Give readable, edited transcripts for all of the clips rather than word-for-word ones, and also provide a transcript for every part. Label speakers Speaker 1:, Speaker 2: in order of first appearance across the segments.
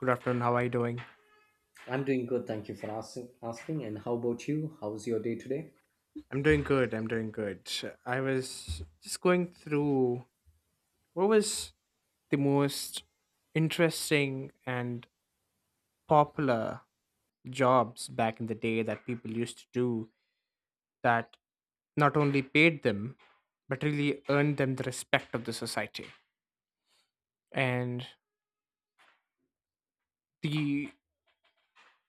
Speaker 1: Good afternoon. How are you doing?
Speaker 2: I'm doing good. Thank you for asking. Asking, and how about you? How's your day today?
Speaker 1: I'm doing good. I'm doing good. I was just going through what was the most interesting and popular jobs back in the day that people used to do that not only paid them but really earned them the respect of the society. And the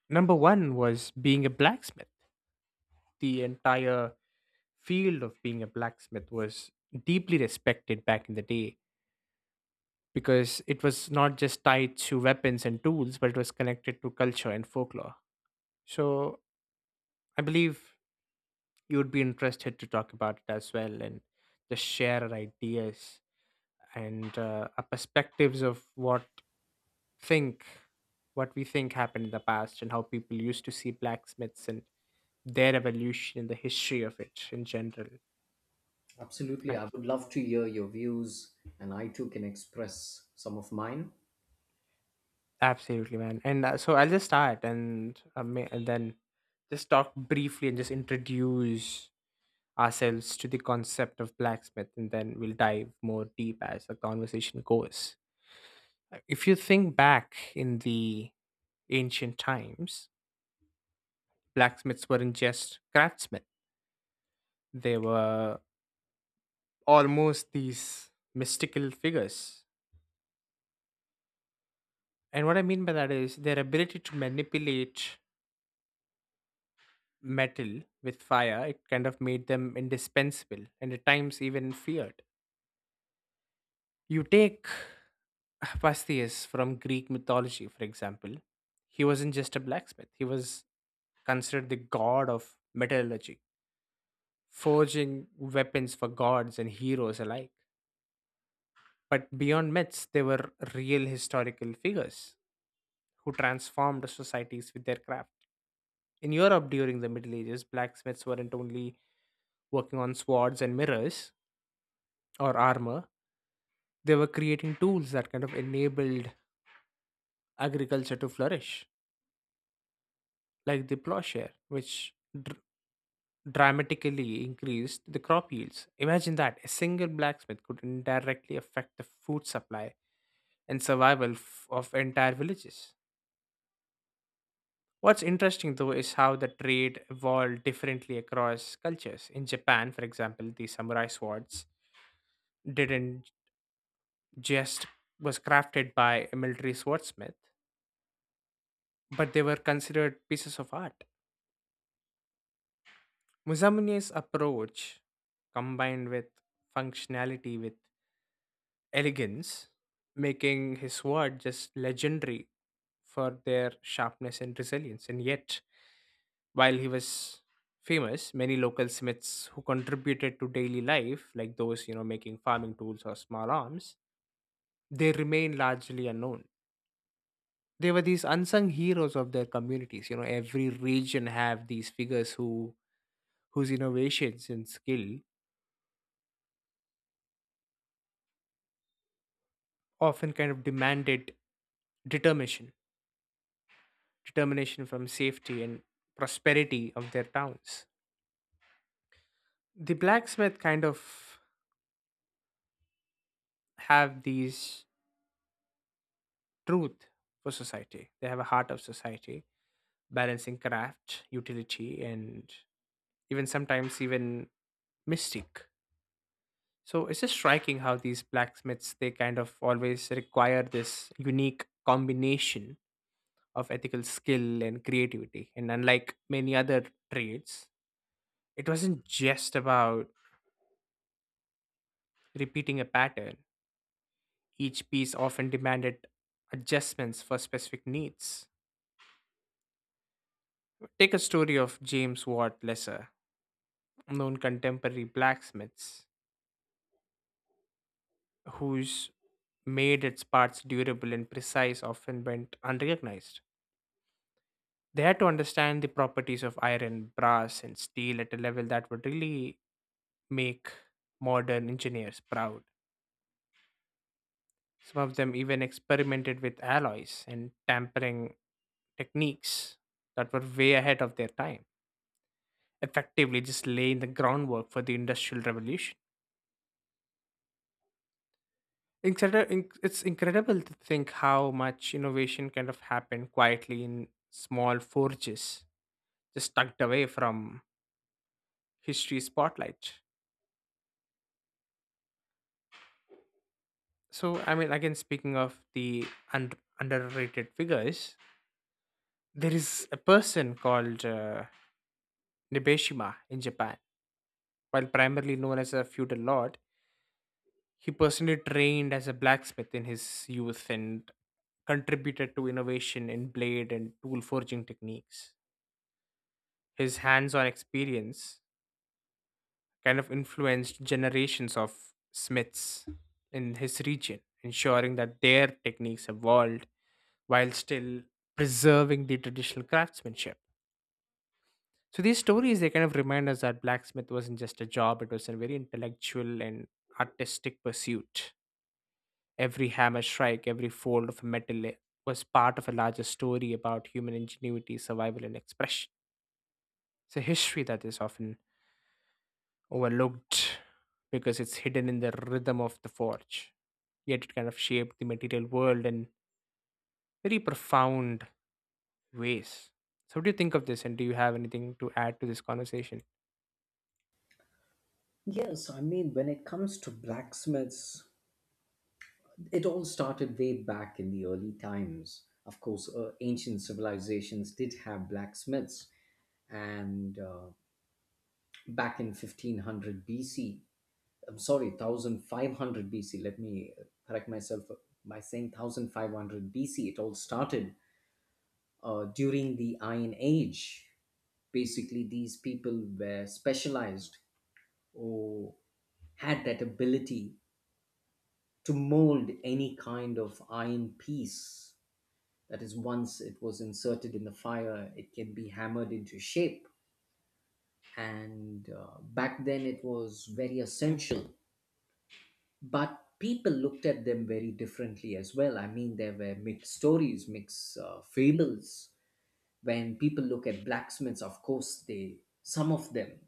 Speaker 1: number one was being a blacksmith. The entire field of being a blacksmith was deeply respected back in the day because it was not just tied to weapons and tools, but it was connected to culture and folklore. So I believe you would be interested to talk about it as well and just share our ideas and our perspectives of think what we think happened in the past and how people used to see blacksmiths and their evolution and the history of it in general.
Speaker 2: Absolutely.
Speaker 1: A-
Speaker 2: I would love to hear your views, and I too can express some of mine.
Speaker 1: Absolutely, man. And so I'll just start and then just talk briefly and just introduce ourselves to the concept of blacksmith and then we'll dive more deep as the conversation goes. If you think back in the ancient times, blacksmiths weren't just craftsmen, they were almost these mystical figures. And what I mean by that is their ability to manipulate metal with fire, it kind of made them indispensable and at times even feared. You take Hephaestus from Greek mythology, for example, he wasn't just a blacksmith, he was considered the god of metallurgy, forging weapons for gods and heroes alike. But beyond myths, they were real historical figures who transformed societies with their craft. In Europe during the Middle Ages, blacksmiths weren't only working on swords and mirrors or armor, they were creating tools that kind of enabled agriculture to flourish like the plowshare, which dr- dramatically increased the crop yields. Imagine that a single blacksmith could indirectly affect the food supply and survival of entire villages. What's interesting though is how the trade evolved differently across cultures. In Japan, for example, the samurai swords didn't just was crafted by a military swordsmith, but they were considered pieces of art. Musamune's approach combined with functionality with elegance, making his sword just legendary for their sharpness and resilience. And yet, while he was famous, many local smiths who contributed to daily life, like those you know making farming tools or small arms, they remain largely unknown. They were these unsung heroes of their communities. You know, every region have these figures whose innovations and skill often kind of demanded determination determination from safety and prosperity of their towns. The blacksmith kind of have these truth for society. They have a heart of society, balancing craft, utility, and even sometimes even mystic. So it's just striking how these blacksmiths they kind of always require this unique combination of ethical skill and creativity. And unlike many other trades, it wasn't just about repeating a pattern. Each piece often demanded adjustments for specific needs. Take a story of James Watt Lesser, known contemporary blacksmiths, whose made its parts durable and precise often went unrecognized. They had to understand the properties of iron, brass, and steel at a level that would really make modern engineers proud. Some of them even experimented with alloys and tampering techniques that were way ahead of their time, effectively just laying the groundwork for the industrial revolution. It's incredible to think how much innovation kind of happened quietly in small forges, just tucked away from history spotlight. So, I mean, again, speaking of the underrated figures, there is a person called Nibeshima in Japan. While primarily known as a feudal lord, he personally trained as a blacksmith in his youth and contributed to innovation in blade and tool forging techniques. His hands on experience kind of influenced generations of smiths in his region, ensuring that their techniques evolved while still preserving the traditional craftsmanship. So these stories they kind of remind us that blacksmith wasn't just a job, it was a very intellectual and artistic pursuit. Every hammer strike, every fold of metal was part of a larger story about human ingenuity, survival, and expression. It's a history that is often overlooked because it's hidden in the rhythm of the forge. Yet it kind of shaped the material world in very profound ways. So, what do you think of this, and do you have anything to add to this conversation?
Speaker 2: Yes, I mean, when it comes to blacksmiths, it all started way back in the early times. Of course, ancient civilizations did have blacksmiths, and back in 1500 BC, I'm sorry, 1500 BC, let me correct myself by saying 1500 BC, it all started during the Iron Age, basically these people were specialized or had that ability to mold any kind of iron piece. That is, once it was inserted in the fire, it can be hammered into shape. And back then, it was very essential. But people looked at them very differently as well. I mean, there were mixed stories, mixed fables when people look at blacksmiths, of course, they some of them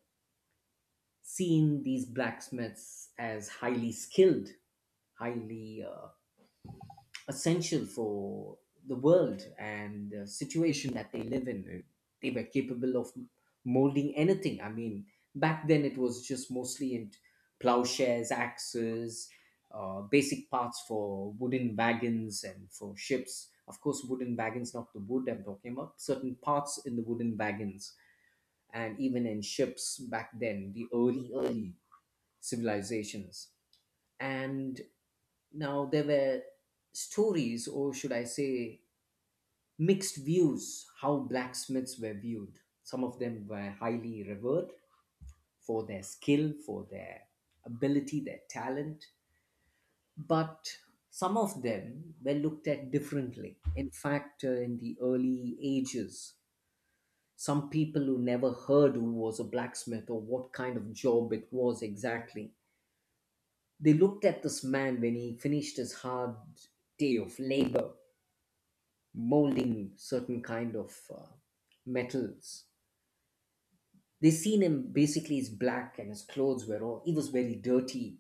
Speaker 2: seen these blacksmiths as highly skilled, highly essential for the world and the situation that they live in. They were capable of molding anything. I mean, back then it was just mostly in plowshares, axes, basic parts for wooden wagons and for ships, of course, wooden wagons, not the wood, I'm talking about certain parts in the wooden wagons and even in ships back then, the early, early civilizations. And now there were stories, or should I say, mixed views, how blacksmiths were viewed. Some of them were highly revered for their skill, for their ability, their talent, but some of them were looked at differently. In fact, in the early ages, some people who never heard who was a blacksmith or what kind of job it was exactly. They looked at this man when he finished his hard day of labor, molding certain kind of metals. They seen him basically as black and his clothes were all, he was very dirty.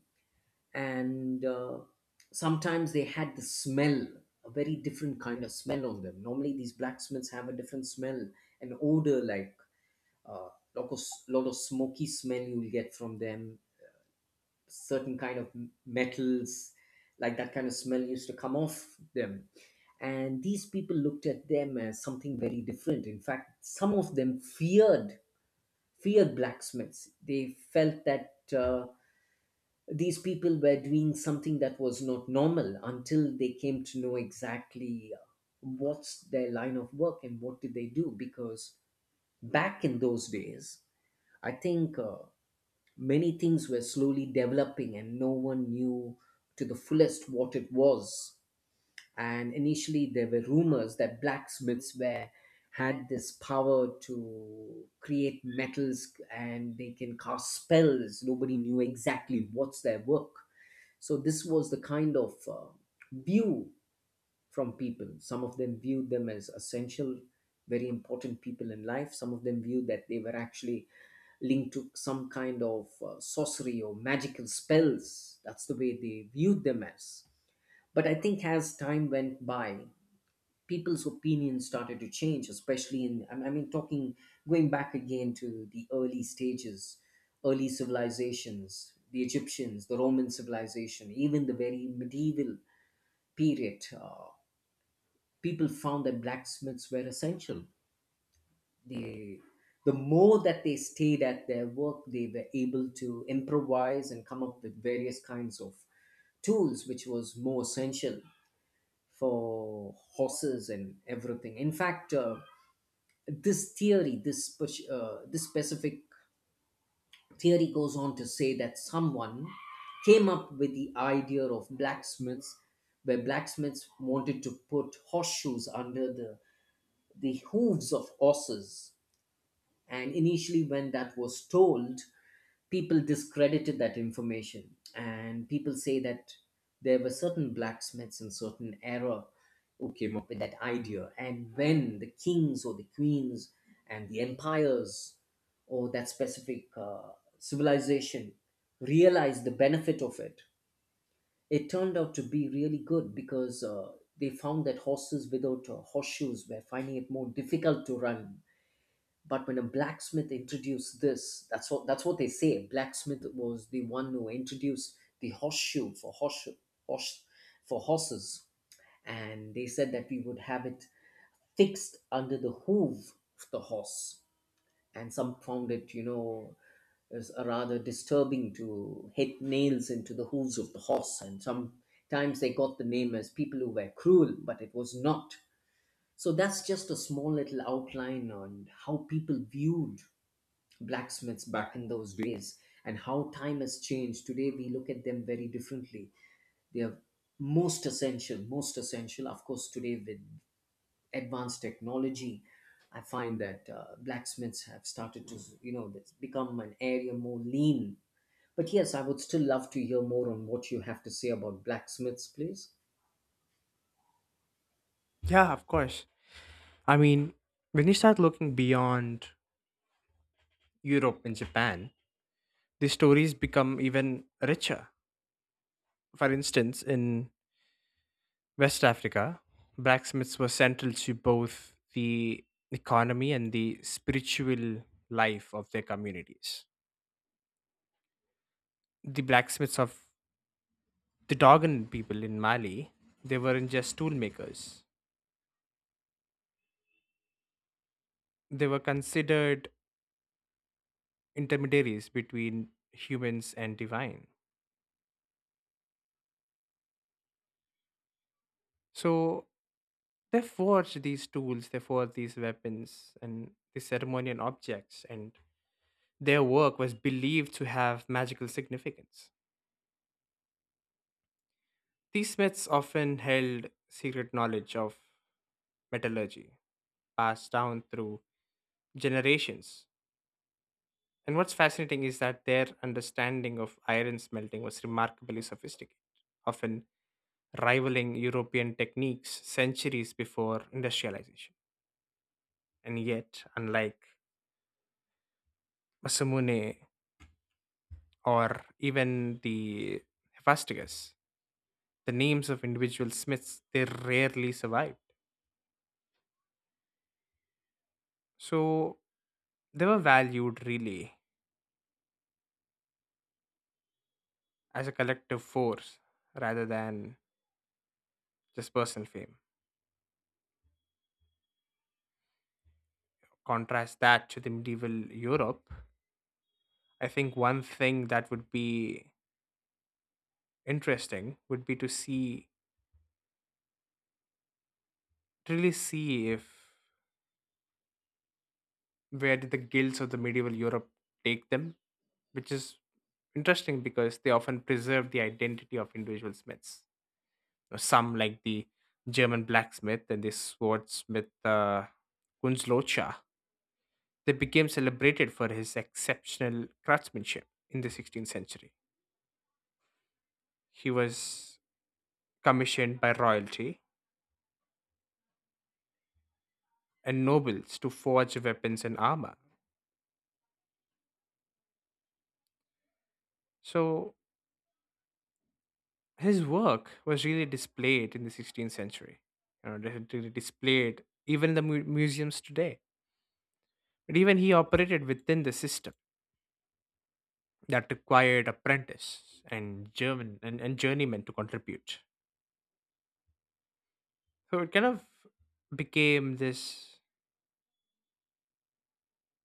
Speaker 2: And sometimes they had the smell, a very different kind of smell on them. Normally these blacksmiths have a different smell, an odor like, uh, lot of lot of smoky smell you will get from them, certain kind of metals, like that kind of smell used to come off them. And these people looked at them as something very different. In fact, some of them feared blacksmiths. They felt that these people were doing something that was not normal, until they came to know exactly what's their line of work and what did they do. Because back in those days, I think, many things were slowly developing, and no one knew to the fullest what it was. And initially, there were rumors that blacksmiths were had this power to create metals and they can cast spells. Nobody knew exactly what's their work. So this was the kind of view from people. Some of them viewed them as essential, very important people in life. Some of them viewed that they were actually linked to some kind of sorcery or magical spells. That's the way they viewed them as. But I think as time went by, people's opinions started to change, especially in, I mean, talking, going back again to the early stages, early civilizations, the Egyptians, the Roman civilization, even the very medieval period. People found that blacksmiths were essential. They, the more that they stayed at their work, they were able to improvise and come up with various kinds of tools, which was more essential for horses and everything. In fact, this theory, this specific theory, goes on to say that someone came up with the idea of blacksmiths, where blacksmiths wanted to put horseshoes under the hooves of horses. And initially, when that was told, people discredited that information. And people say that there were certain blacksmiths in certain era who came up with that idea. And when the kings or the queens and the empires or that specific civilization realized the benefit of it, it turned out to be really good because they found that horses without horseshoes were finding it more difficult to run. But when a blacksmith introduced this, that's what they say. Blacksmith was the one who introduced the horseshoe for horseshoe horse for horses, and they said that we would have it fixed under the hoof of the horse. And some found it, you know, is a rather disturbing to hit nails into the hooves of the horse. And sometimes they got the name as people who were cruel, but it was not. So that's just a small little outline on how people viewed blacksmiths back in those days and how time has changed. Today we look at them very differently. They are most essential. Of course, today with advanced technology, I find that blacksmiths have started to, you know, that's become an area more lean. But yes, I would still love to hear more on what you have to say about blacksmiths, please.
Speaker 1: Yeah, of course. I mean, when you start looking beyond Europe and Japan, the stories become even richer. For instance, in West Africa, blacksmiths were central to both the economy and the spiritual life of their communities. The blacksmiths of the Dogon people in Mali, they weren't just tool makers. They were considered intermediaries between humans and divine. So they forged these tools, they forged these weapons and the ceremonial objects, and their work was believed to have magical significance. These myths often held secret knowledge of metallurgy passed down through generations. And what's fascinating is that their understanding of iron smelting was remarkably sophisticated, often rivaling European techniques centuries before industrialization. And yet, unlike Masamune or even the Hephaestus, the names of individual smiths they rarely survived. So they were valued really as a collective force rather than just personal fame. Contrast that to the medieval Europe. I think one thing that would be interesting would be to see, to really see if where did the guilds of the medieval Europe take them, which is interesting because they often preserve the identity of individual smiths. Now, some, like the German blacksmith and the swordsmith Kunzlocha, they became celebrated for his exceptional craftsmanship in the 16th century. He was commissioned by royalty and nobles to forge weapons and armor. So his work was really displayed in the 16th century, you know, really displayed even in the museums today. But even he operated within the system that required apprentice and German and journeymen to contribute. So it kind of became this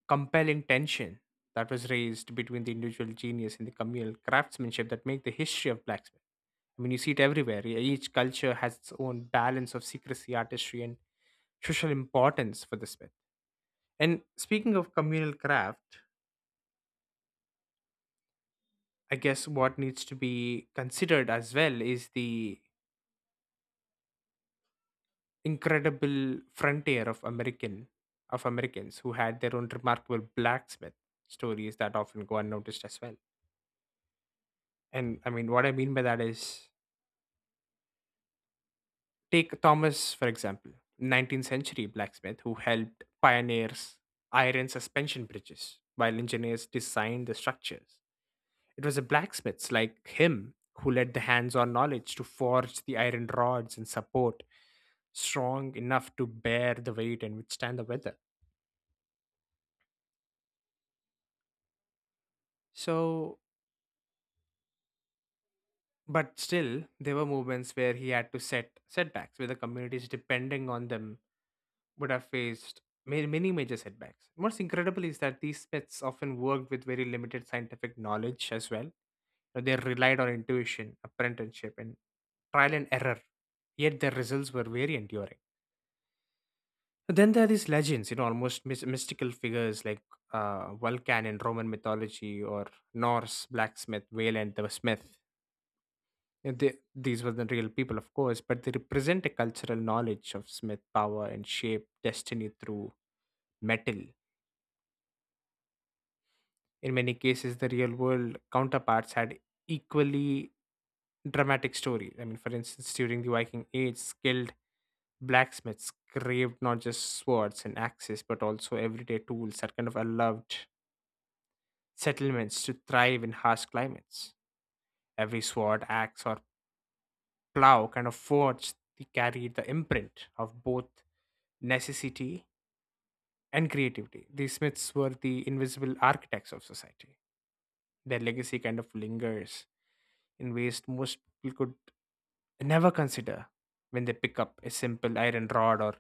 Speaker 1: compelling tension that was raised between the individual genius and the communal craftsmanship that make the history of blacksmith. I mean, you see it everywhere. Each culture has its own balance of secrecy, artistry, and social importance for the smith. And speaking of communal craft, I guess what needs to be considered as well is the incredible frontier of Americans who had their own remarkable blacksmith stories that often go unnoticed as well. And I mean, what I mean by that is take Thomas, for example, 19th century blacksmith who helped pioneers iron suspension bridges while engineers designed the structures. It was the blacksmiths like him who led the hands on knowledge to forge the iron rods and support strong enough to bear the weight and withstand the weather. So, but still, there were moments where he had to setbacks where the communities depending on them would have faced many major setbacks. What's incredible is that these pets often worked with very limited scientific knowledge as well. You know, they relied on intuition, apprenticeship, and trial and error, yet their results were very enduring. But then there are these legends, you know, almost mystical figures like Vulcan in Roman mythology or Norse blacksmith Wayland the Smith. These were the real people, of course, but they represent a cultural knowledge of smith power and shape destiny through metal. In many cases, the real world counterparts had equally dramatic stories. I mean, for instance, during the Viking Age, skilled blacksmiths craved not just swords and axes, but also everyday tools that kind of allowed settlements to thrive in harsh climates. Every sword, axe, or plow kind of forged they carried the imprint of both necessity and creativity. These smiths were the invisible architects of society. Their legacy kind of lingers in ways most people could never consider when they pick up a simple iron rod or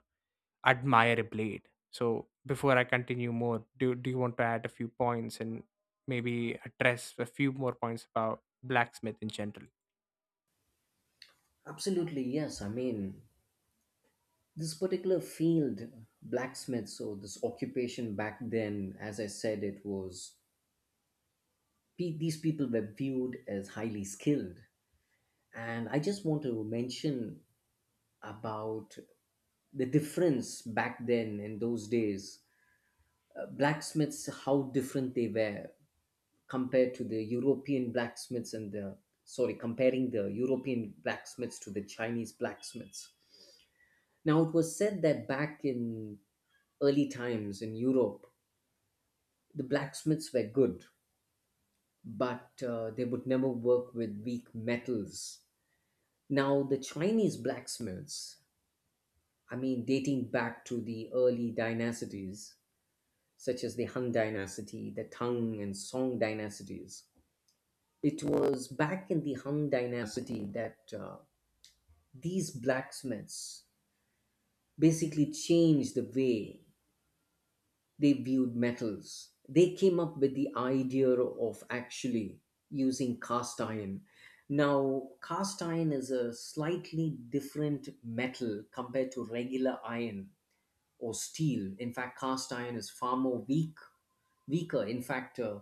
Speaker 1: admire a blade. So before I continue more, do do you want to add a few points and maybe address a few more points about blacksmith in general?
Speaker 2: Absolutely, yes. I mean, this particular field, blacksmith, so this occupation back then, as I said, it was these people were viewed as highly skilled. And I just want to mention about the difference back then in those days. Blacksmiths, how different they were compared to the European blacksmiths and the, sorry, comparing the European blacksmiths to the Chinese blacksmiths. Now, it was said that back in early times in Europe, the blacksmiths were good, but they would never work with weak metals. Now, the Chinese blacksmiths, I mean, dating back to the early dynasties, such as the Han Dynasty, the Tang and Song dynasties, it was back in the Han Dynasty that these blacksmiths basically changed the way they viewed metals. They came up with the idea of actually using cast iron. Now, cast iron is a slightly different metal compared to regular iron or steel. In fact, cast iron is far more weak, weaker. In fact,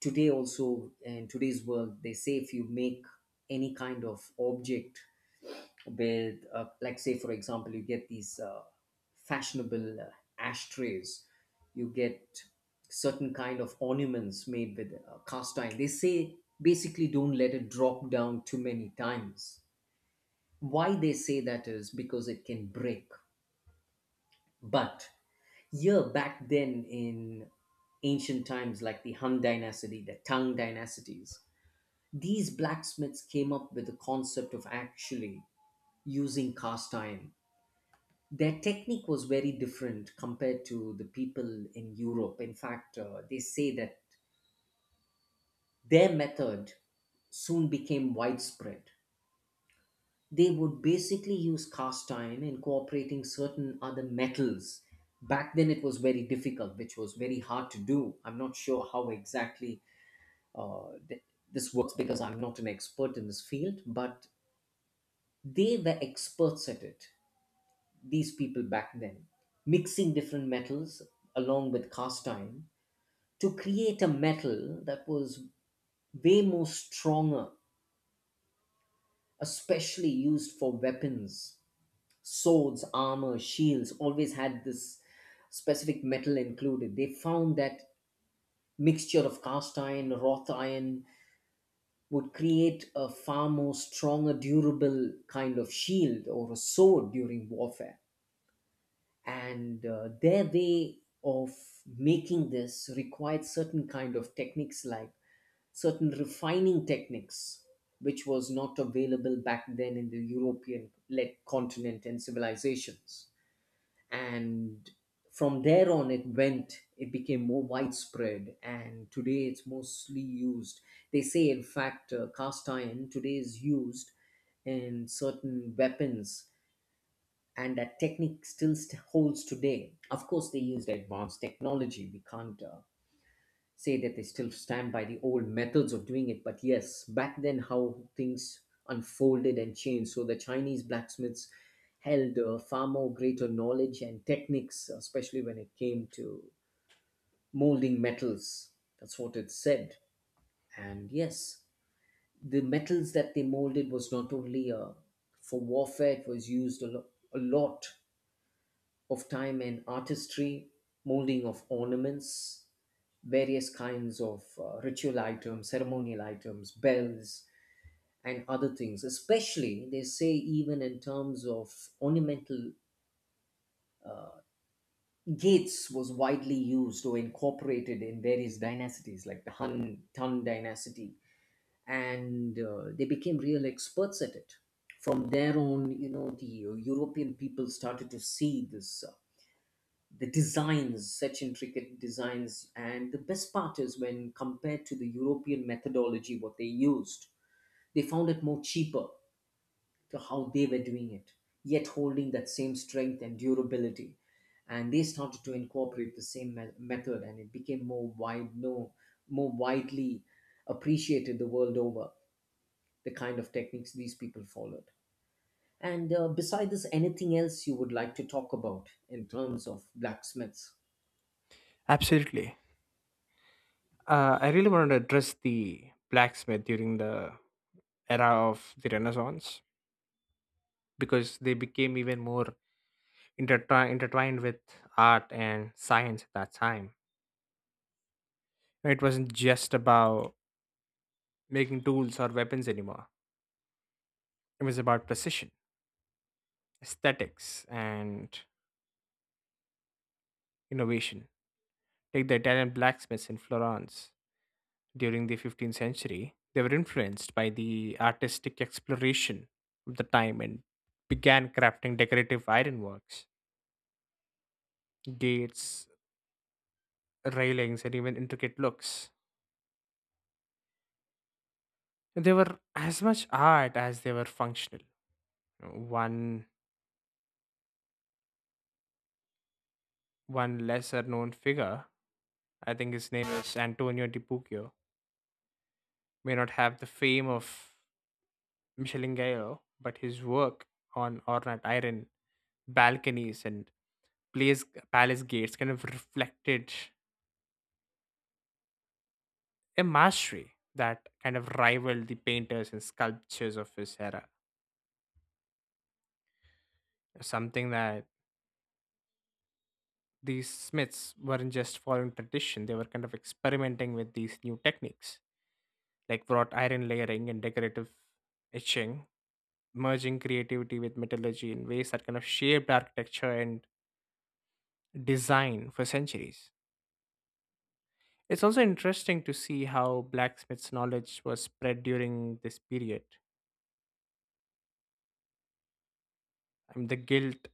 Speaker 2: today also in today's world, they say if you make any kind of object with, like say for example, you get these fashionable ashtrays, you get certain kind of ornaments made with cast iron. They say basically don't let it drop down too many times. Why they say that is because it can break. But yeah, back then in ancient times, like the Hun dynasty, the Tang dynasties, these blacksmiths came up with the concept of actually using cast iron. Their technique was very different compared to the people in Europe. In fact, they say that their method soon became widespread. They would basically use cast iron incorporating certain other metals. Back then it was very difficult, which was very hard to do. I'm not sure how exactly uh, th- this works, because I'm not an expert in this field, but they were experts at it, these people back then, mixing different metals along with cast iron to create a metal that was way more stronger, especially used for weapons. Swords, armor, shields always had this specific metal included. They found that mixture of cast iron, wrought iron would create a far more stronger, durable kind of shield or a sword during warfare. And their way of making this required certain kind of techniques like certain refining techniques, which was not available back then in the European led continent and civilizations. And from there on it went, it became more widespread, and today it's mostly used, they say. In fact, cast iron today is used in certain weapons, and that technique still holds today. Of course, they used advanced technology. We can't say that they still stand by the old methods of doing it. But yes, back then, how things unfolded and changed. So the Chinese blacksmiths held far more greater knowledge and techniques, especially when it came to molding metals. That's what it said. And yes, the metals that they molded was not only for warfare, it was used a lot of time and artistry, molding of ornaments, various kinds of ritual items, ceremonial items, bells, and other things. Especially, they say, even in terms of ornamental gates, was widely used or incorporated in various dynasties like the Han Tang dynasty, and they became real experts at it. From there on, you know, the European people started to see this. The designs, such intricate designs. And the best part is when compared to the European methodology, what they used, they found it more cheaper to how they were doing it, yet holding that same strength and durability. And they started to incorporate the same method, and it became more wide, no, more widely appreciated the world over. The kind of techniques these people followed. And besides this, anything else you would like to talk about in terms of blacksmiths?
Speaker 1: Absolutely. I really wanted to address the blacksmith during the era of the Renaissance because they became even more intertwined with art and science at that time. It wasn't just about making tools or weapons anymore. It was about precision, aesthetics, and innovation. Take the Italian blacksmiths in Florence during the 15th century. They were influenced by the artistic exploration of the time and began crafting decorative ironworks, gates, railings, and even intricate looks. They were as much art as they were functional. One one lesser known figure, I think his name is Antonio di Puccio, may not have the fame of Michelin Gayo, but his work on ornate iron balconies and place, palace gates kind of reflected a mastery that kind of rivaled the painters and sculptures of his era. Something that these smiths weren't just following tradition, they were kind of experimenting with these new techniques like wrought iron layering and decorative etching, merging creativity with metallurgy in ways that kind of shaped architecture and design for centuries. It's also interesting to see how blacksmith's knowledge was spread during this period. I mean, the guild,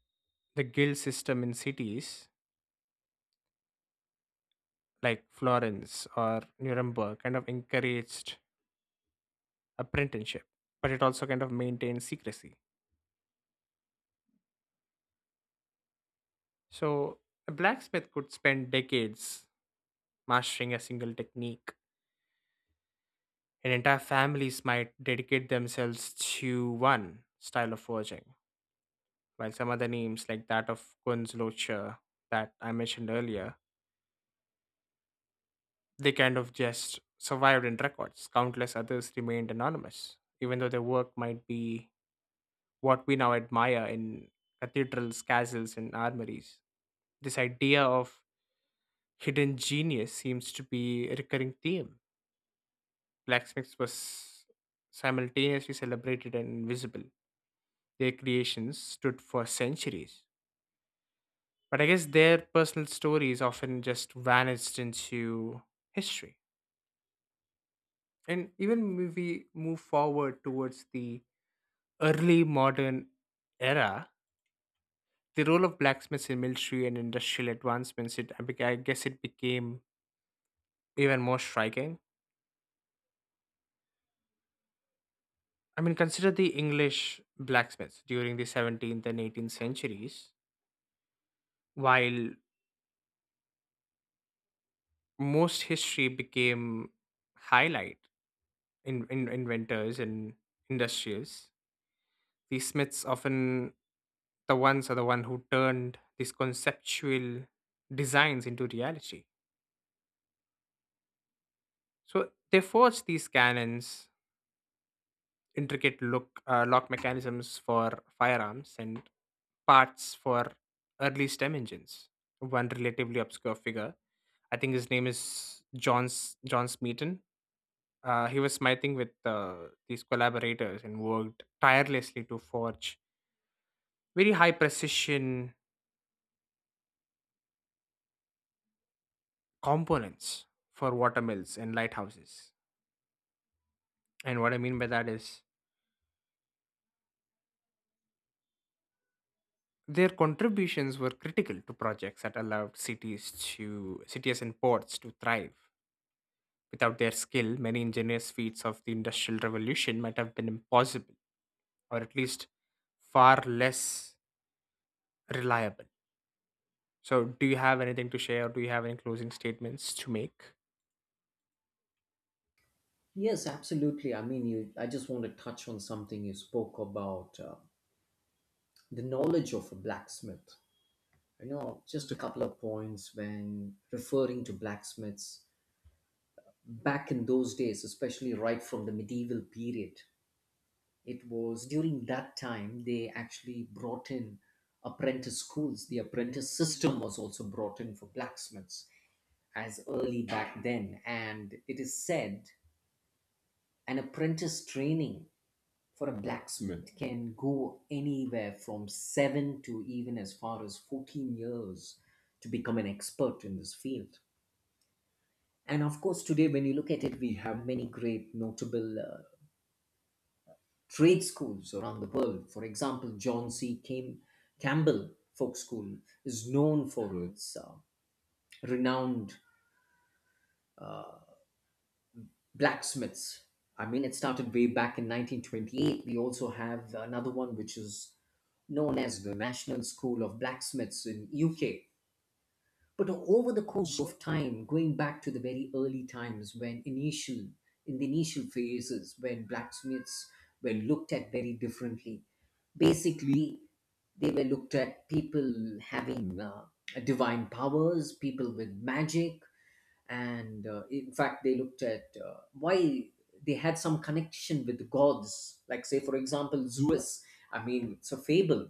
Speaker 1: the guild system in cities like Florence or Nuremberg kind of encouraged apprenticeship, but it also kind of maintained secrecy. So a blacksmith could spend decades mastering a single technique, and entire families might dedicate themselves to one style of forging, while some other names like that of Kunzlocher that I mentioned earlier, they kind of just survived in records. Countless others remained anonymous, even though their work might be what we now admire in cathedrals, castles, and armories. This idea of hidden genius seems to be a recurring theme. Blacksmiths was simultaneously celebrated and invisible. Their creations stood for centuries. But I guess their personal stories often just vanished into history. And even if we move forward towards the early modern era, the role of blacksmiths in military and industrial advancements, I guess it became even more striking. I mean, consider the English blacksmiths during the 17th and 18th centuries. While most history became highlight in inventors and industrials, the smiths often the ones are the one who turned these conceptual designs into reality. So they forged these cannons, intricate look lock mechanisms for firearms and parts for early stem engines. One relatively obscure figure, I think his name is John Smeaton. He was smiting with these collaborators and worked tirelessly to forge very high precision components for watermills and lighthouses. And what I mean by that is their contributions were critical to projects that allowed cities and ports to thrive. Without their skill, many ingenious feats of the Industrial Revolution might have been impossible or at least far less reliable. So, do you have anything to share? Do you have any closing statements to make?
Speaker 2: Yes, absolutely. I mean, you, I just want to touch on something you spoke about the knowledge of a blacksmith. You know, just a couple of points when referring to blacksmiths back in those days, especially right from the medieval period. It was during that time they actually brought in apprentice schools. The apprentice system was also brought in for blacksmiths as early back then. And it is said an apprentice training for a blacksmith can go anywhere from seven to even as far as 14 years to become an expert in this field. And of course, today, when you look at it, we have many great notable trade schools around the world. For example, John Campbell Folk School is known for its renowned blacksmiths. I mean, it started way back in 1928. We also have another one which is known as the National School of Blacksmiths in UK. But over the course of time, going back to the very early times when initial, in the initial phases, when blacksmiths were looked at very differently, basically they were looked at people having divine powers, people with magic, and in fact they looked at why they had some connection with the gods. Like say, for example, Zeus. I mean, it's a fable,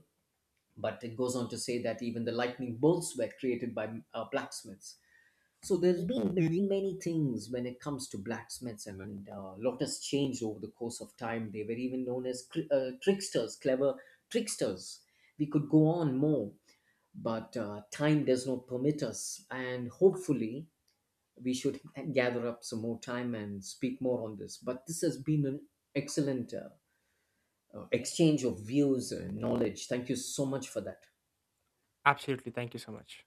Speaker 2: but it goes on to say that even the lightning bolts were created by blacksmiths. So there's been many, many things when it comes to blacksmiths, and, a lot has changed over the course of time. They were even known as tricksters, clever tricksters. We could go on more, but time does not permit us. And hopefully, we should gather up some more time and speak more on this. But this has been an excellent exchange of views and knowledge. Thank you so much for that.
Speaker 1: Absolutely. Thank you so much.